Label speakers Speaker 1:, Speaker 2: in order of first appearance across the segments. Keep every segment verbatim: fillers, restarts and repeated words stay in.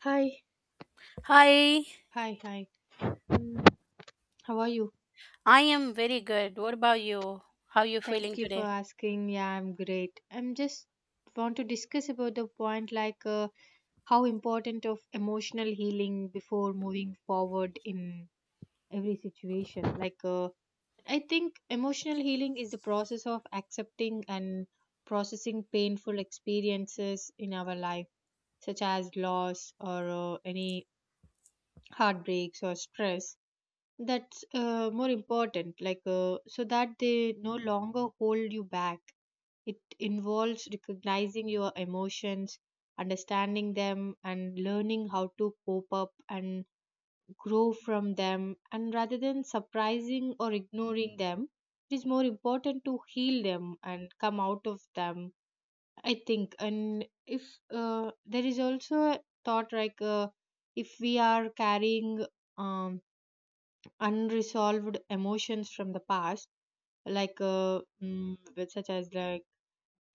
Speaker 1: Hi,
Speaker 2: Hi,
Speaker 1: hi, hi. Mm, How are you?
Speaker 2: I am very good. What about you? How you feeling
Speaker 1: Thank you for
Speaker 2: today?
Speaker 1: asking. Yeah, I'm great. I'm just want to discuss about the point like uh, how important of emotional healing before moving forward in every situation. Like uh, I think emotional healing is the process of accepting and processing painful experiences in our life, such as loss or uh, any heartbreaks or stress. That's uh, more important, like uh, so that they no longer hold you back. It involves recognizing your emotions, understanding them, and learning how to cope up and grow from them. And rather than surprising or ignoring them, it is more important to heal them and come out of them. I think, and if uh, there is also a thought like uh, if we are carrying um unresolved emotions from the past like uh, mm, with such as like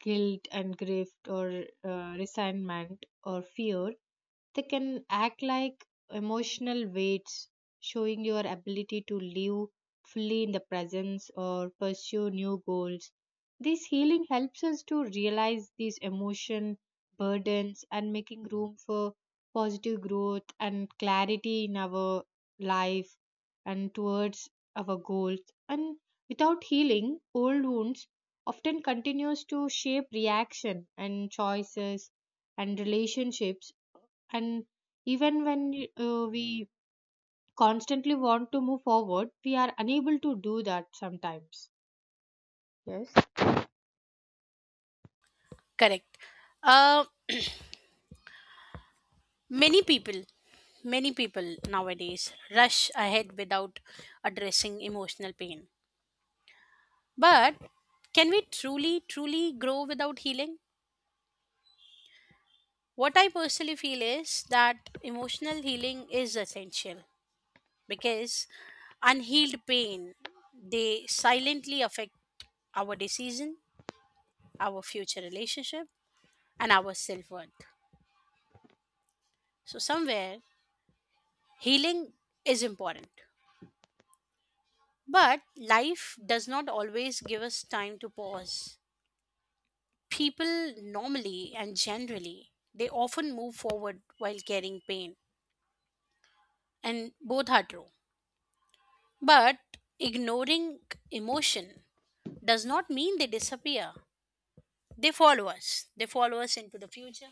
Speaker 1: guilt and grief or uh, resentment or fear, they can act like emotional weights, showing your ability to live fully in the presence or pursue new goals. This healing helps us to realize these emotion burdens and making room for positive growth and clarity in our life and towards our goals. And without healing, old wounds often continues to shape reaction and choices and relationships. And even when uh, we constantly want to move forward, we are unable to do that sometimes. Yes.
Speaker 2: Correct. Uh, many people, many people nowadays rush ahead without addressing emotional pain. But can we truly, truly grow without healing? What I personally feel is that emotional healing is essential because unhealed pain they silently affect our decision, our future relationship, and our self worth. So, somewhere healing is important. But life does not always give us time to pause. People normally and generally, they often move forward while carrying pain, and both are true. But ignoring emotion does not mean they disappear. They follow us. They follow us into the future.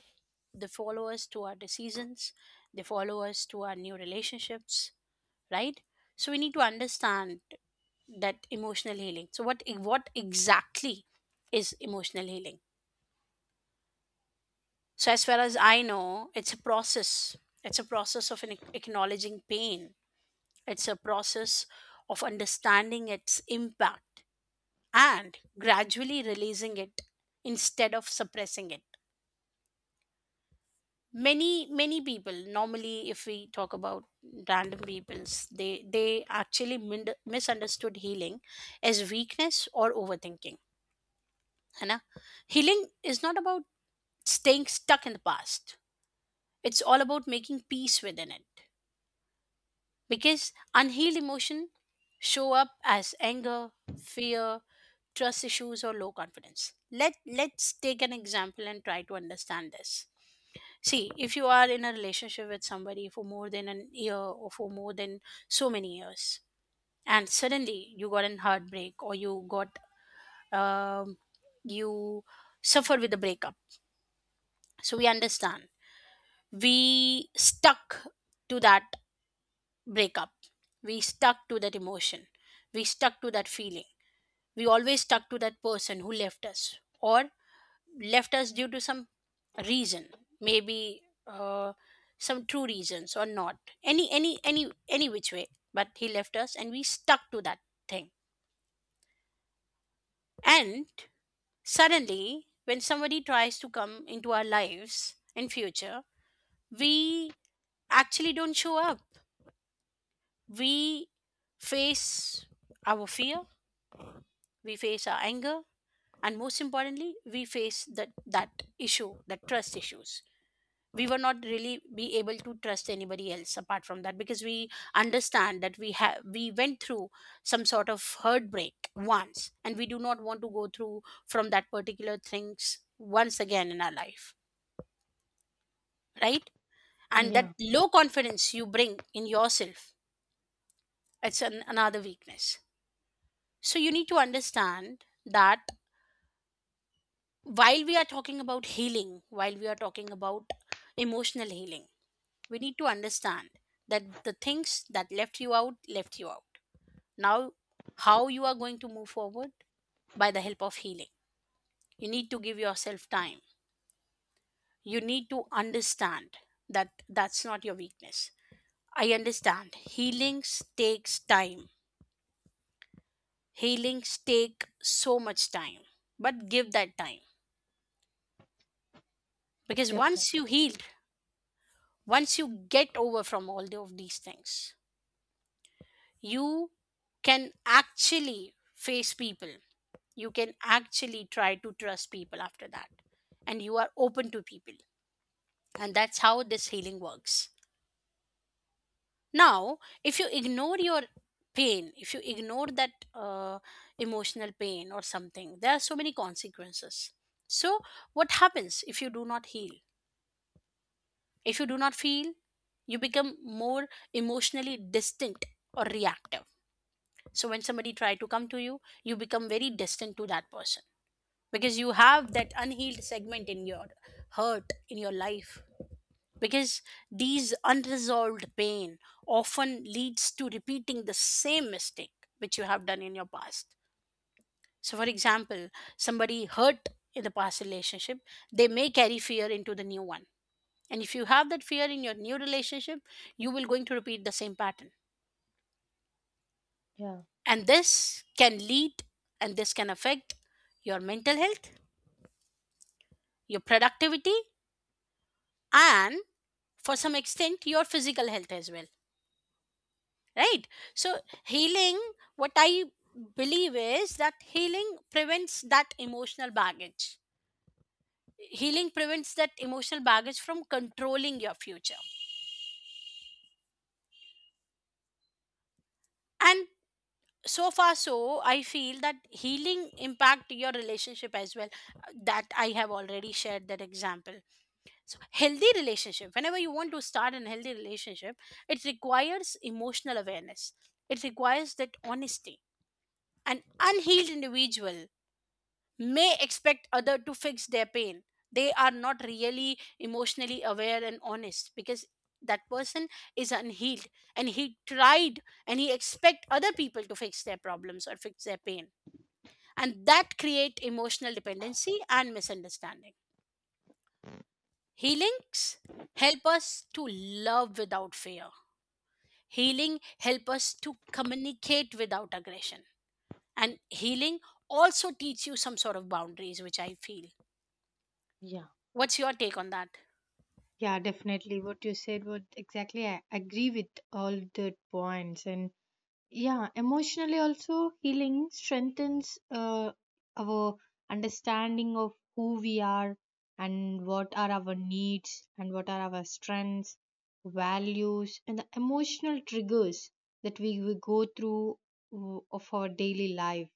Speaker 2: They follow us to our decisions. They follow us to our new relationships, right? So we need to understand that emotional healing. So what e- what exactly is emotional healing? So as far as I know, it's a process. It's a process of an ac- acknowledging pain. It's a process of understanding its impact and gradually releasing it instead of suppressing it. Many many people normally, if we talk about random peoples, they they actually mind- misunderstood healing as weakness or overthinking, है ना. Healing is not about staying stuck in the past, it's all about making peace within it, because unhealed emotion show up as anger, fear, trust issues or low confidence. Let let's take an example and try to understand this. See, if you are in a relationship with somebody for more than an year or for more than so many years, and suddenly you got an heartbreak or you got, um, you suffered with a breakup, so we understand we stuck to that breakup, we stuck to that emotion, we stuck to that feeling, we always stuck to that person who left us or left us due to some reason. Maybe uh, some true reasons or not, any any any any which way, but he left us and we stuck to that thing. And suddenly when somebody tries to come into our lives in future, we actually don't show up. We face our fear, we face our anger, and most importantly we face that that issue, that trust issues. We were not really be able to trust anybody else apart from that, because we understand that we have we went through some sort of heartbreak once, and we do not want to go through from that particular things once again in our life, right? And that
Speaker 1: Yeah,
Speaker 2: low confidence you bring in yourself, it's an, another weakness. So you need to understand that while we are talking about healing, while we are talking about emotional healing, we need to understand that the things that left you out, left you out. Now, how you are going to move forward? By the help of healing. You need to give yourself time. You need to understand that that's not your weakness. I understand healings takes time. Healings take so much time, but give that time, because once
Speaker 1: definitely.
Speaker 2: you healed, once you get over from all the- of these things, you can actually face people, you can actually try to trust people after that, and you are open to people, and that's how this healing works. Now if you ignore your pain, if you ignore that uh, emotional pain or something, there are so many consequences. So what happens if you do not heal, if you do not feel, you become more emotionally distinct or reactive. So when somebody try to come to you, you become very distant to that person, because you have that unhealed segment in your hurt in your life. Because these unresolved pain often leads to repeating the same mistake which you have done in your past. So, for example, somebody hurt in the past relationship, they may carry fear into the new one. And if you have that fear in your new relationship, you will going to repeat the same pattern.
Speaker 1: Yeah,
Speaker 2: And this can lead, and this can affect your mental health, your productivity, and for some extent your physical health as well, right? So, healing, what I believe is that healing prevents that emotional baggage. Healing prevents that emotional baggage from controlling your future. And so far, so I feel that healing impact your relationship as well. That I have already shared that example. So healthy relationship, whenever you want to start an healthy relationship, it requires emotional awareness, it requires that honesty. An unhealed individual may expect other to fix their pain. They are not really emotionally aware and honest because that person is unhealed, and he tried and he expect other people to fix their problems or fix their pain, and that create emotional dependency and misunderstanding. Healings help us to love without fear. Healing help us to communicate without aggression. And healing also teach you some sort of boundaries, which I feel.
Speaker 1: yeah.
Speaker 2: What's your take on that?
Speaker 1: Yeah, definitely what you said, what exactly, I agree with all the points. And yeah, emotionally also healing strengthens uh, our understanding of who we are and what are our needs, and what are our strengths, values, and the emotional triggers that we, we go through w- of our daily life.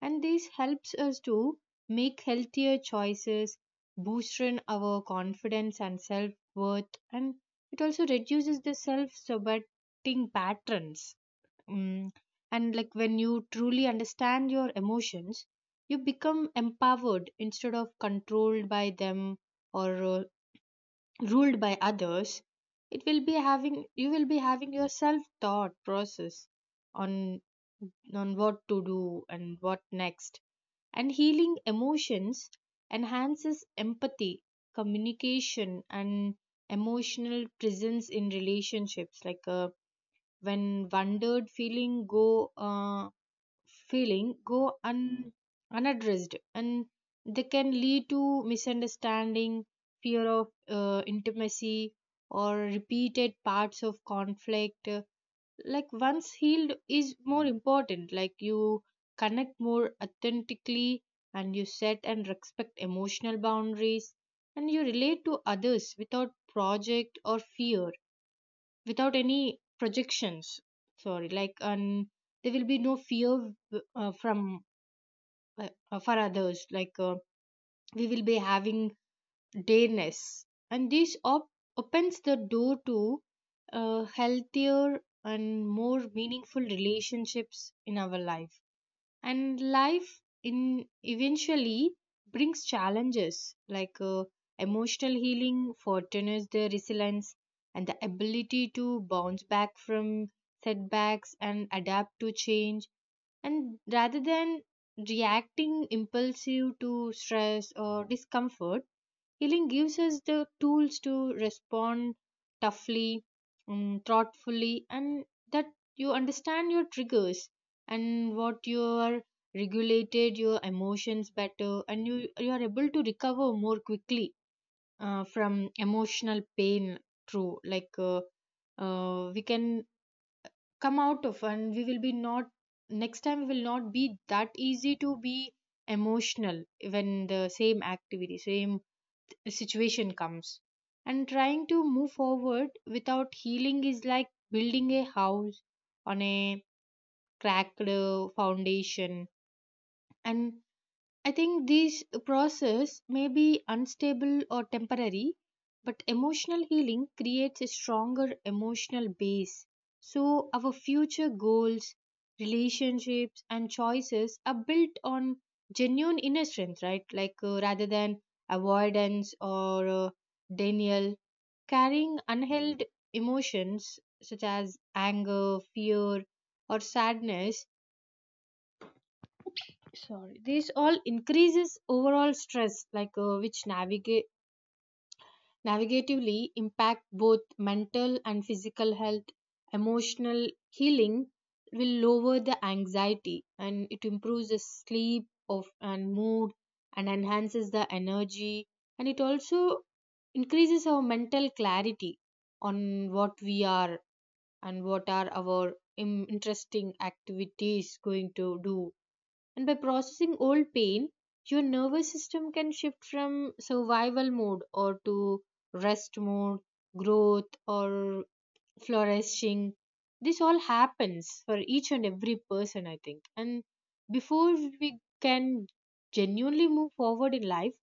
Speaker 1: And this helps us to make healthier choices, boosting our confidence and self-worth, and it also reduces the self-sabotaging patterns. Mm. And like when you truly understand your emotions, you become empowered instead of controlled by them or uh, ruled by others. It will be having you will be having your self thought process on on what to do and what next. And healing emotions enhances empathy, communication, and emotional presence in relationships. Like uh, when wondered feeling go. Uh, feeling go un- unaddressed, and they can lead to misunderstanding, fear of uh, intimacy, or repeated parts of conflict. Uh, like once healed is more important, like you connect more authentically, and you set and respect emotional boundaries, and you relate to others without project or fear, without any projections. Sorry, like, and there will be no fear uh, from uh, uh, for others, like uh, we will be having dareness, and this op- opens the door to uh, healthier and more meaningful relationships in our life. And life in eventually brings challenges. Like uh, emotional healing fortune the resilience and the ability to bounce back from setbacks and adapt to change. And rather than reacting impulsive to stress or discomfort, healing gives us the tools to respond toughly, mm, thoughtfully, and that you understand your triggers and what you are, regulated your emotions better, and you you are able to recover more quickly uh, from emotional pain. Through like uh, uh, We can come out of, and we will be not, next time we will not be that easy to be emotional when the same activity, same situation comes. And trying to move forward without healing is like building a house on a cracked uh, foundation. And I think this process may be unstable or temporary, but emotional healing creates a stronger emotional base. So our future goals, relationships, and choices are built on genuine inner strength, right? Like uh, rather than avoidance or uh, denial, carrying unheld emotions such as anger, fear, or sadness. Sorry, this all increases overall stress, like uh, which navigate navigatively impact both mental and physical health. Emotional healing will lower the anxiety, and it improves the sleep of and mood, and enhances the energy, and it also increases our mental clarity on what we are and what are our im- interesting activities going to do. And by processing old pain, your nervous system can shift from survival mode or to rest mode, growth or flourishing. This all happens for each and every person, I think. And before we can genuinely move forward in life,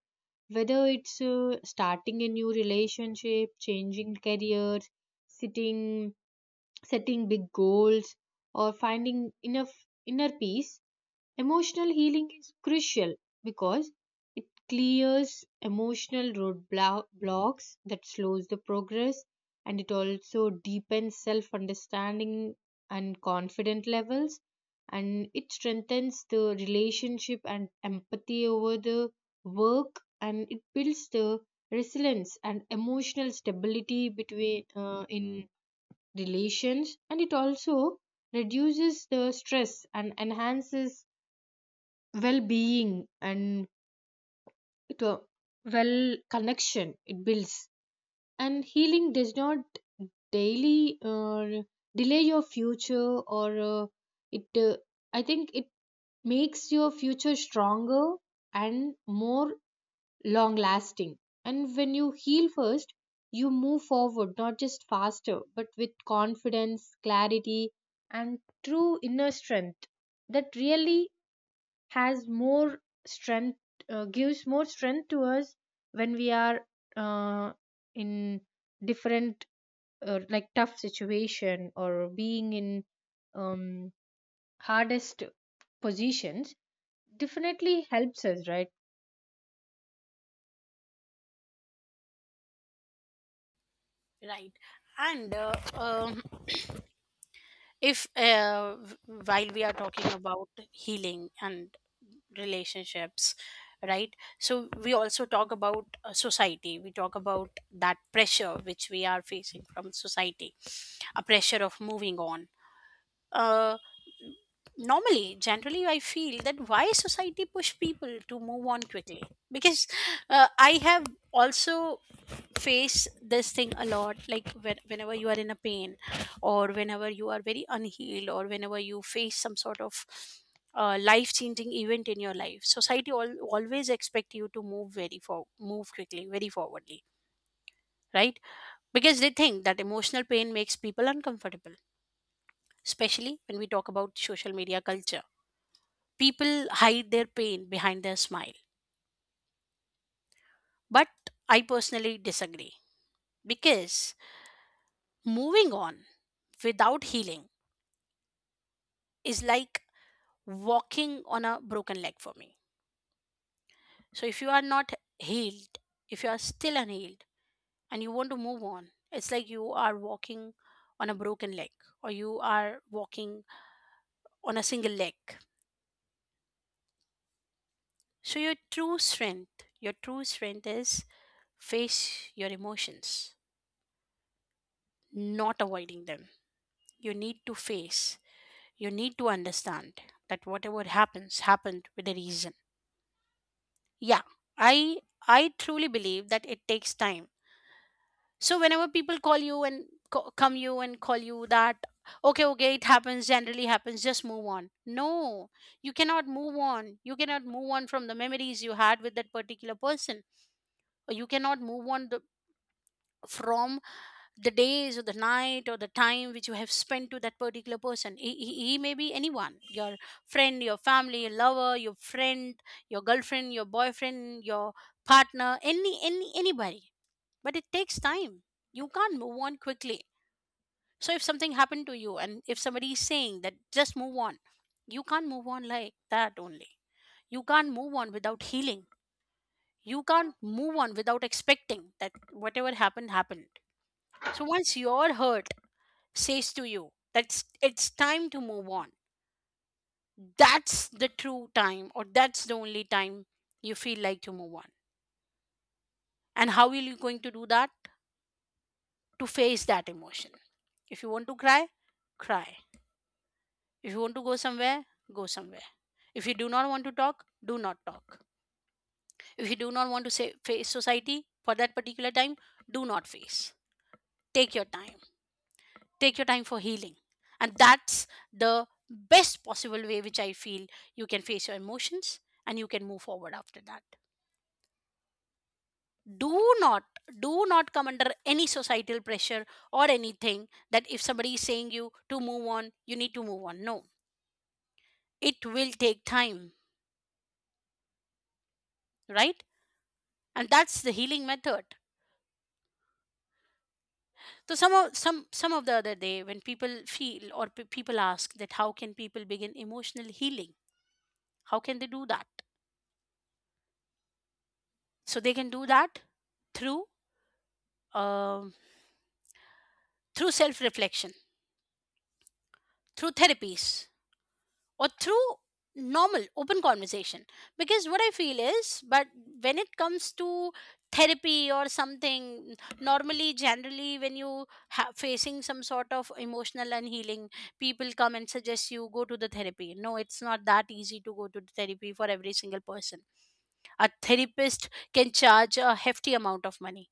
Speaker 1: whether it's uh, starting a new relationship, changing careers, sitting, setting big goals, or finding enough inner peace, emotional healing is crucial because it clears emotional roadblocks that slows the progress, and it also deepens self understanding and confident levels, and it strengthens the relationship and empathy over the work, and it builds the resilience and emotional stability between uh, in relations, and it also reduces the stress and enhances well-being and to well connection it builds. And healing does not daily uh, delay your future or uh, it uh, I think it makes your future stronger and more long lasting. And when you heal first, you move forward not just faster but with confidence, clarity, and true inner strength that really has more strength, uh, gives more strength to us when we are uh, in different uh, like tough situation or being in um, hardest positions. Definitely helps us, right?
Speaker 2: Right. And uh, um if, uh, while we are talking about healing and relationships, right, so we also talk about uh, society, we talk about that pressure which we are facing from society, a pressure of moving on. uh, Normally generally I feel that why society push people to move on quickly, because uh, I have also face this thing a lot, like when, whenever you are in a pain, or whenever you are very unhealed, or whenever you face some sort of uh, life changing event in your life, society all, always expect you to move very for move quickly very forwardly, right? Because they think that emotional pain makes people uncomfortable, especially when we talk about social media culture, people hide their pain behind their smile. But I personally disagree, because moving on without healing is like walking on a broken leg for me. So if you are not healed, if you are still unhealed and you want to move on, it's like you are walking on a broken leg, or you are walking on a single leg. So your true strength, your true strength is face your emotions, not avoiding them. You need to face, you need to understand that whatever happens happened with a reason. Yeah, I I truly believe that it takes time. So whenever people call you and co- come you and call you that okay, okay, it happens, generally happens, just move on. No, you cannot move on, you cannot move on from the memories you had with that particular person, or you cannot move on the, from the days or the night or the time which you have spent to that particular person. He, he, he may be anyone, your friend, your family, your lover, your friend, your girlfriend, your boyfriend, your partner, any any anybody. But it takes time, you can't move on quickly. So if something happened to you, and if somebody is saying that just move on, you can't move on like that only. You can't move on without healing. You can't move on without expecting that whatever happened happened. So once your hurt says to you that it's time to move on, that's the true time, or that's the only time you feel like to move on. And how are you going to do that? To face that emotion. If you want to cry, cry. If you want to go somewhere, go somewhere. If you do not want to talk, do not talk. If you do not want to say, face society for that particular time, do not face. Take your time. Take your time for healing. And that's the best possible way which I feel you can face your emotions and you can move forward after that. Do not, do not come under any societal pressure or anything that if somebody is saying you to move on, you need to move on. No, it will take time, right? And that's the healing method. So some of some some of the other day when people feel, or pe people ask that how can people begin emotional healing? How can they do that? So they can do that through um through self reflection, through therapies, or through normal open conversation, because what I feel is, but when it comes to therapy or something, normally generally when you ha- facing some sort of emotional unhealing, people come and suggest you go to the therapy. No, it's not that easy to go to the therapy for every single person. A therapist can charge a hefty amount of money,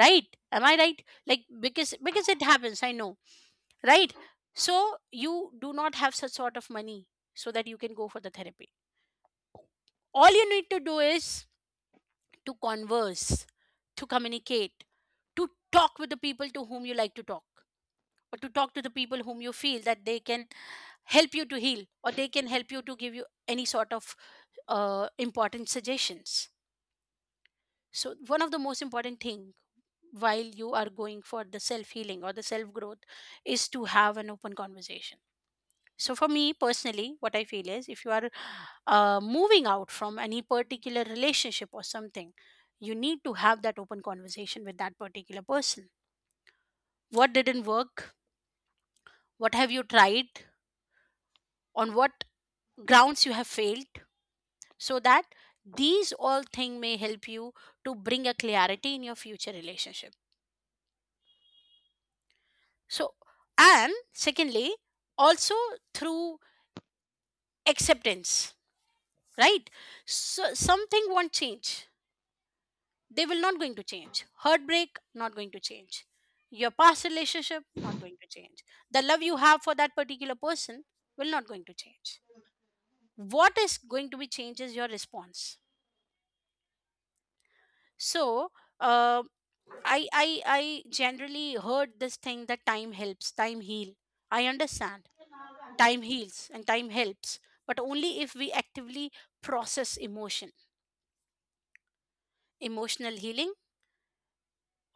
Speaker 2: right? Am I right? Like because because it happens, I know. Right. So you do not have such sort of money so that you can go for the therapy. All you need to do is to converse, to communicate, to talk with the people to whom you like to talk, or to talk to the people whom you feel that they can help you to heal or they can help you to give you any sort of uh, important suggestions. So one of the most important thing, while you are going for the self healing or the self growth, is to have an open conversation. So, for me personally, what I feel is, if you are uh, moving out from any particular relationship or something, you need to have that open conversation with that particular person. What didn't work? What have you tried? On what grounds you have failed? So that these all things may help you to bring a clarity in your future relationship. So, and secondly, also through acceptance, right? So, something won't change, they will not going to change, heartbreak not going to change, your past relationship not going to change, the love you have for that particular person will not going to change. What is going to be changed is your response. So uh, i i i generally heard this thing that time helps, time heal. I understand time heals and time helps, but only if we actively process emotion. Emotional healing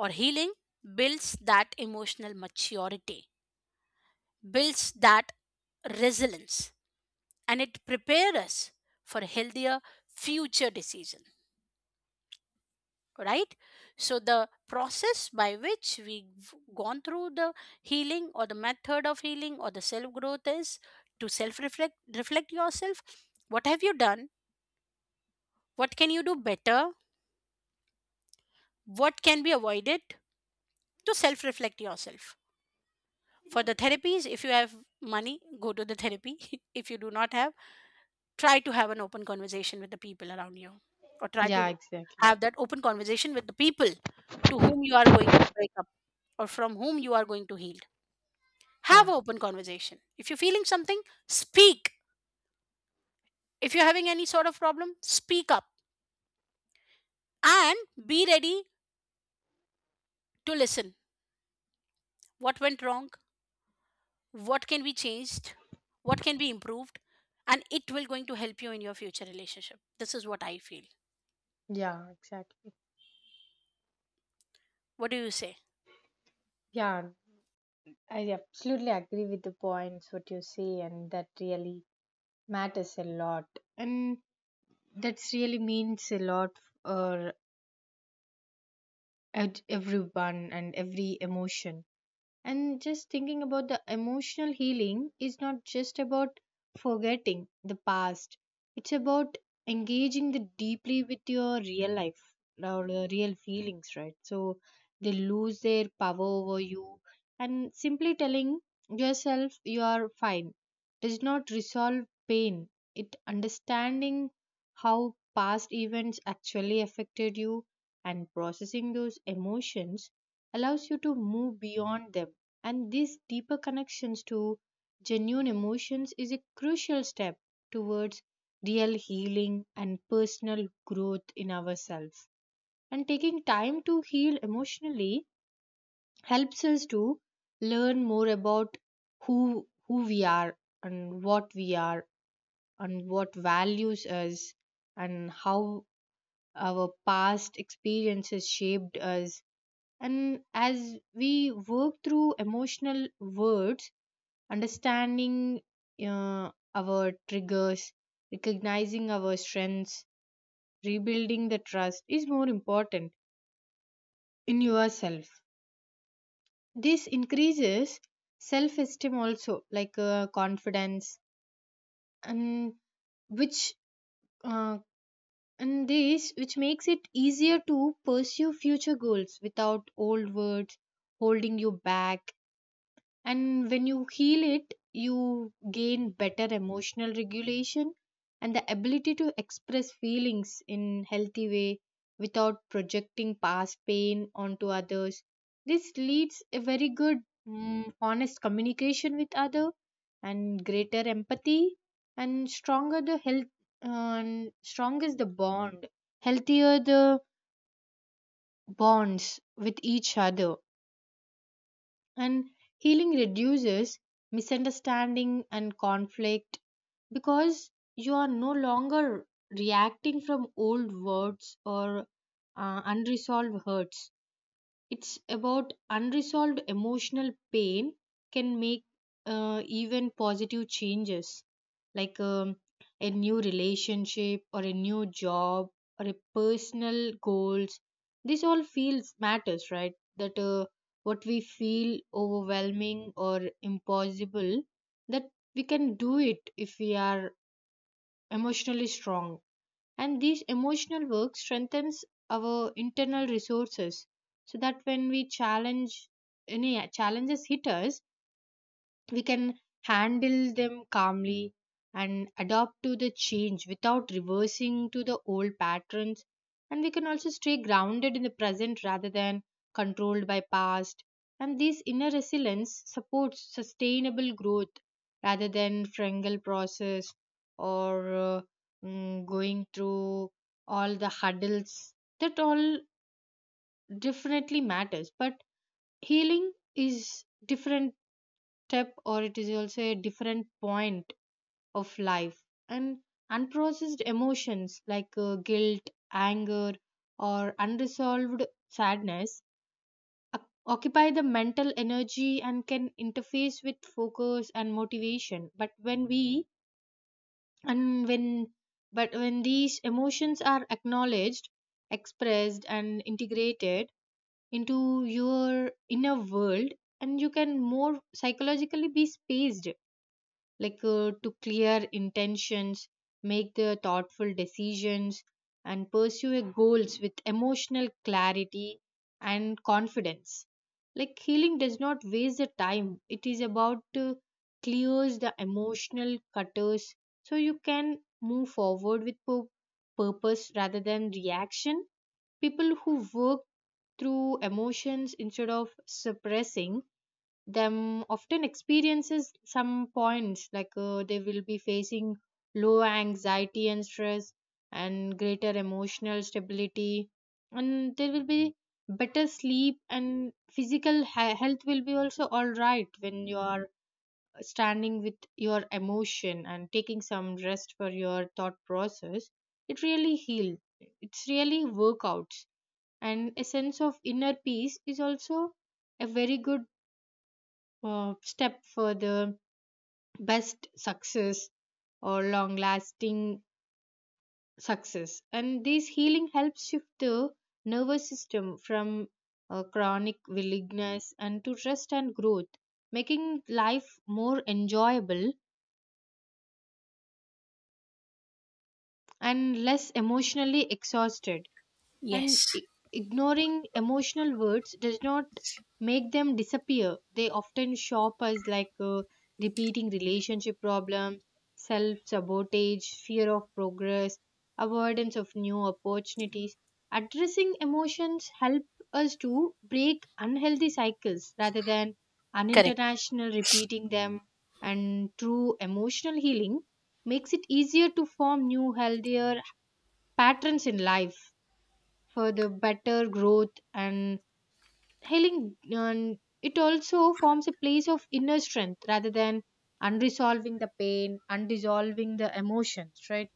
Speaker 2: or healing builds that emotional maturity, builds that resilience, and it prepares us for healthier future decision, right? So the process by which we've gone through the healing, or the method of healing or the self growth, is to self reflect, reflect yourself. What have you done? What can you do better? What can be avoided? To self reflect yourself. For the therapies, if you have money, go to the therapy. If you do not have, try to have an open conversation with the people around you, or try to
Speaker 1: Yeah, exactly.
Speaker 2: have that open conversation with the people to whom you are going to break up, or from whom you are going to heal. Have
Speaker 1: Yeah.
Speaker 2: an open conversation. If you're feeling something, speak. If you're having any sort of problem, speak up. And be ready to listen. What went wrong, what can be changed, what can be improved, and it will going to help you in your future relationship. This is what I feel.
Speaker 1: Yeah, exactly.
Speaker 2: What do you say?
Speaker 1: Yeah, I absolutely agree with the points what you say, and that really matters a lot. And that's really means a lot uh, at everyone and every emotion. And just thinking about the emotional healing is not just about forgetting the past, it's about engaging the deeply with your real life or your real feelings, right? So they lose their power over you, and simply telling yourself you are fine does not resolve pain. It understanding how past events actually affected you and processing those emotions allows you to move beyond them. And these deeper connections to genuine emotions is a crucial step towards real healing and personal growth in ourselves. And taking time to heal emotionally helps us to learn more about who who we are and what we are, and what values us, and how our past experiences shaped us. And as we work through emotional words, understanding uh, our triggers, recognizing our strengths, rebuilding the trust is more important in yourself. This increases self esteem also, like uh, confidence, and which uh, and this which makes it easier to pursue future goals without old words holding you back. And when you heal it, you gain better emotional regulation and the ability to express feelings in healthy way without projecting past pain onto others. This leads a very good, mm, honest communication with other and greater empathy, and stronger the health and strong is the bond, healthier the bonds with each other. And healing reduces misunderstanding and conflict because you are no longer reacting from old words or uh, unresolved hurts. It's about unresolved emotional pain can make uh, even positive changes like um, a new relationship or a new job or a personal goals. This all feels matters, right? That uh, what we feel overwhelming or impossible, that we can do it if we are emotionally strong. And these emotional work strengthens our internal resources so that when we challenge any challenges hit us, we can handle them calmly and adapt to the change without reversing to the old patterns. And we can also stay grounded in the present rather than controlled by past. And this inner resilience supports sustainable growth rather than frangal process or uh, mm, going through all the hurdles. That all definitely matters, but healing is different step, or it is also a different point of life. And unprocessed emotions like uh, guilt, anger, or unresolved sadness oc- occupy the mental energy and can interface with focus and motivation. But when we and when but when these emotions are acknowledged, expressed, and integrated into your inner world, and you can more psychologically be spaced, like uh, to clear intentions, make the thoughtful decisions, and pursue a goals with emotional clarity and confidence. Like healing does not waste the time, it is about to clears the emotional cutters so you can move forward with pur- purpose rather than reaction. People who work through emotions instead of suppressing them often experiences some points, like uh, they will be facing low anxiety and stress and greater emotional stability, and there will be better sleep, and physical he- health will be also all right when you are standing with your emotion and taking some rest for your thought process. It really heals, it's really workouts. And a sense of inner peace is also a very good uh, step for the best success or long lasting success. And this healing helps shift the nervous system from uh, chronic willingness and to rest and growth, making life more enjoyable and less emotionally exhausted. And
Speaker 2: Yes,
Speaker 1: I- ignoring emotional words does not make them disappear. They often show up as like uh, repeating relationship problems, self sabotage, fear of progress, avoidance of new opportunities. Addressing emotions help us to break unhealthy cycles rather than
Speaker 2: correct.
Speaker 1: unintentional repeating them. And true emotional healing makes it easier to form new healthier patterns in life for the better growth and healing. And it also forms a place of inner strength rather than unresolving the pain, unresolving the emotions, right?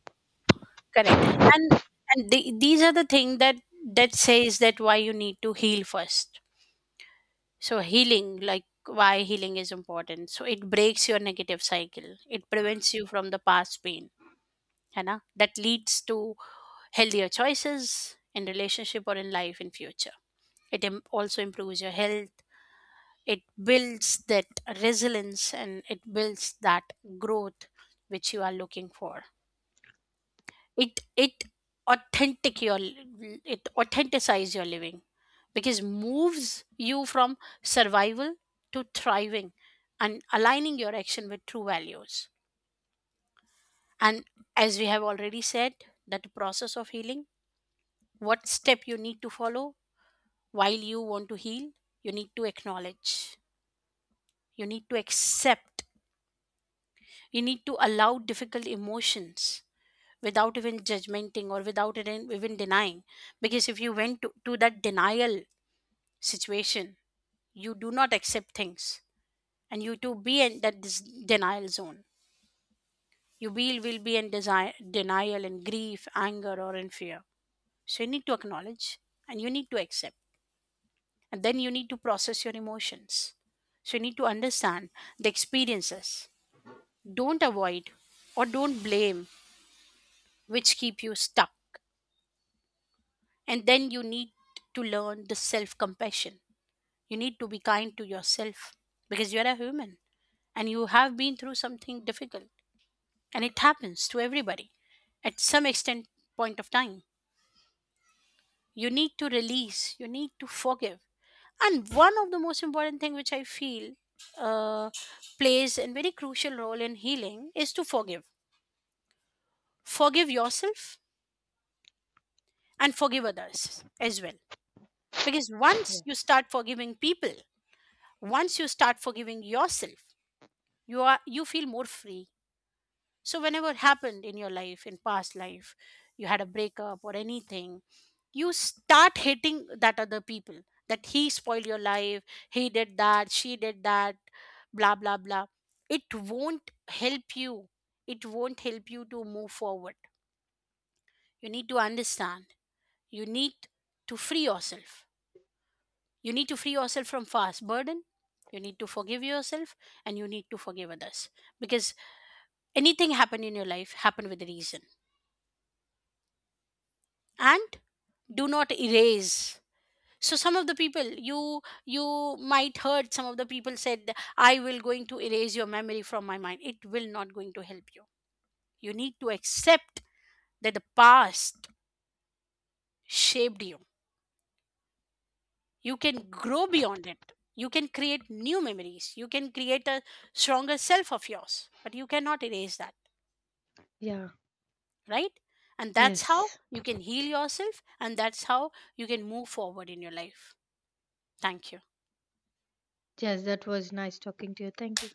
Speaker 2: Correct. And and the, these are the thing that that says that why you need to heal first. So healing, like why healing is important. So it breaks your negative cycle. It prevents you from the past pain. है ना? That leads to healthier choices in relationship or in life in future. It im- also improves your health. It builds that resilience and it builds that growth which you are looking for. it it authentic your li- it authenticize your living, because moves you from survival to thriving and aligning your action with true values. And as we have already said, that the process of healing, what step you need to follow while you want to heal: you need to acknowledge, you need to accept, you need to allow difficult emotions without even judgmenting or without even even denying. Because if you went to, to that denial situation, you do not accept things, and you to be in that dis- denial zone, you will, will be in desire, denial and grief, anger or in fear. So you need to acknowledge and you need to accept, and then you need to process your emotions. So you need to understand the experiences. Don't avoid or don't blame, which keep you stuck. And then you need to learn the self compassion. You need to be kind to yourself because you're a human and you have been through something difficult. And it happens to everybody at some extent point of time. You need to release, you need to forgive. And one of the most important thing which I feel uh, plays a very crucial role in healing is to forgive. Forgive yourself and forgive others as well. Because once you
Speaker 1: Yes.
Speaker 2: start forgiving people, once you start forgiving yourself, you are you feel more free. So whenever it happened in your life, in past life, you had a breakup or anything, you start hating that other people, that he spoiled your life, he did that, she did that, blah blah blah. It won't help you, it won't help you to move forward. You need to understand, you need to free yourself. You need to free yourself from past burden. You need to forgive yourself and you need to forgive others, because anything happen in your life happen with a reason. And do not erase. So some of the people, you you might heard some of the people said, I will going to erase your memory from my mind. It will not going to help you. You need to accept that the past shaped you. You can grow beyond it, you can create new memories, you can create a stronger self of yours, but you cannot erase that,
Speaker 1: Yeah.
Speaker 2: right? And that's how
Speaker 1: Yes.
Speaker 2: you can heal yourself, and that's how you can move forward in your life. Thank you.
Speaker 1: Yes, that was nice talking to you, thank you.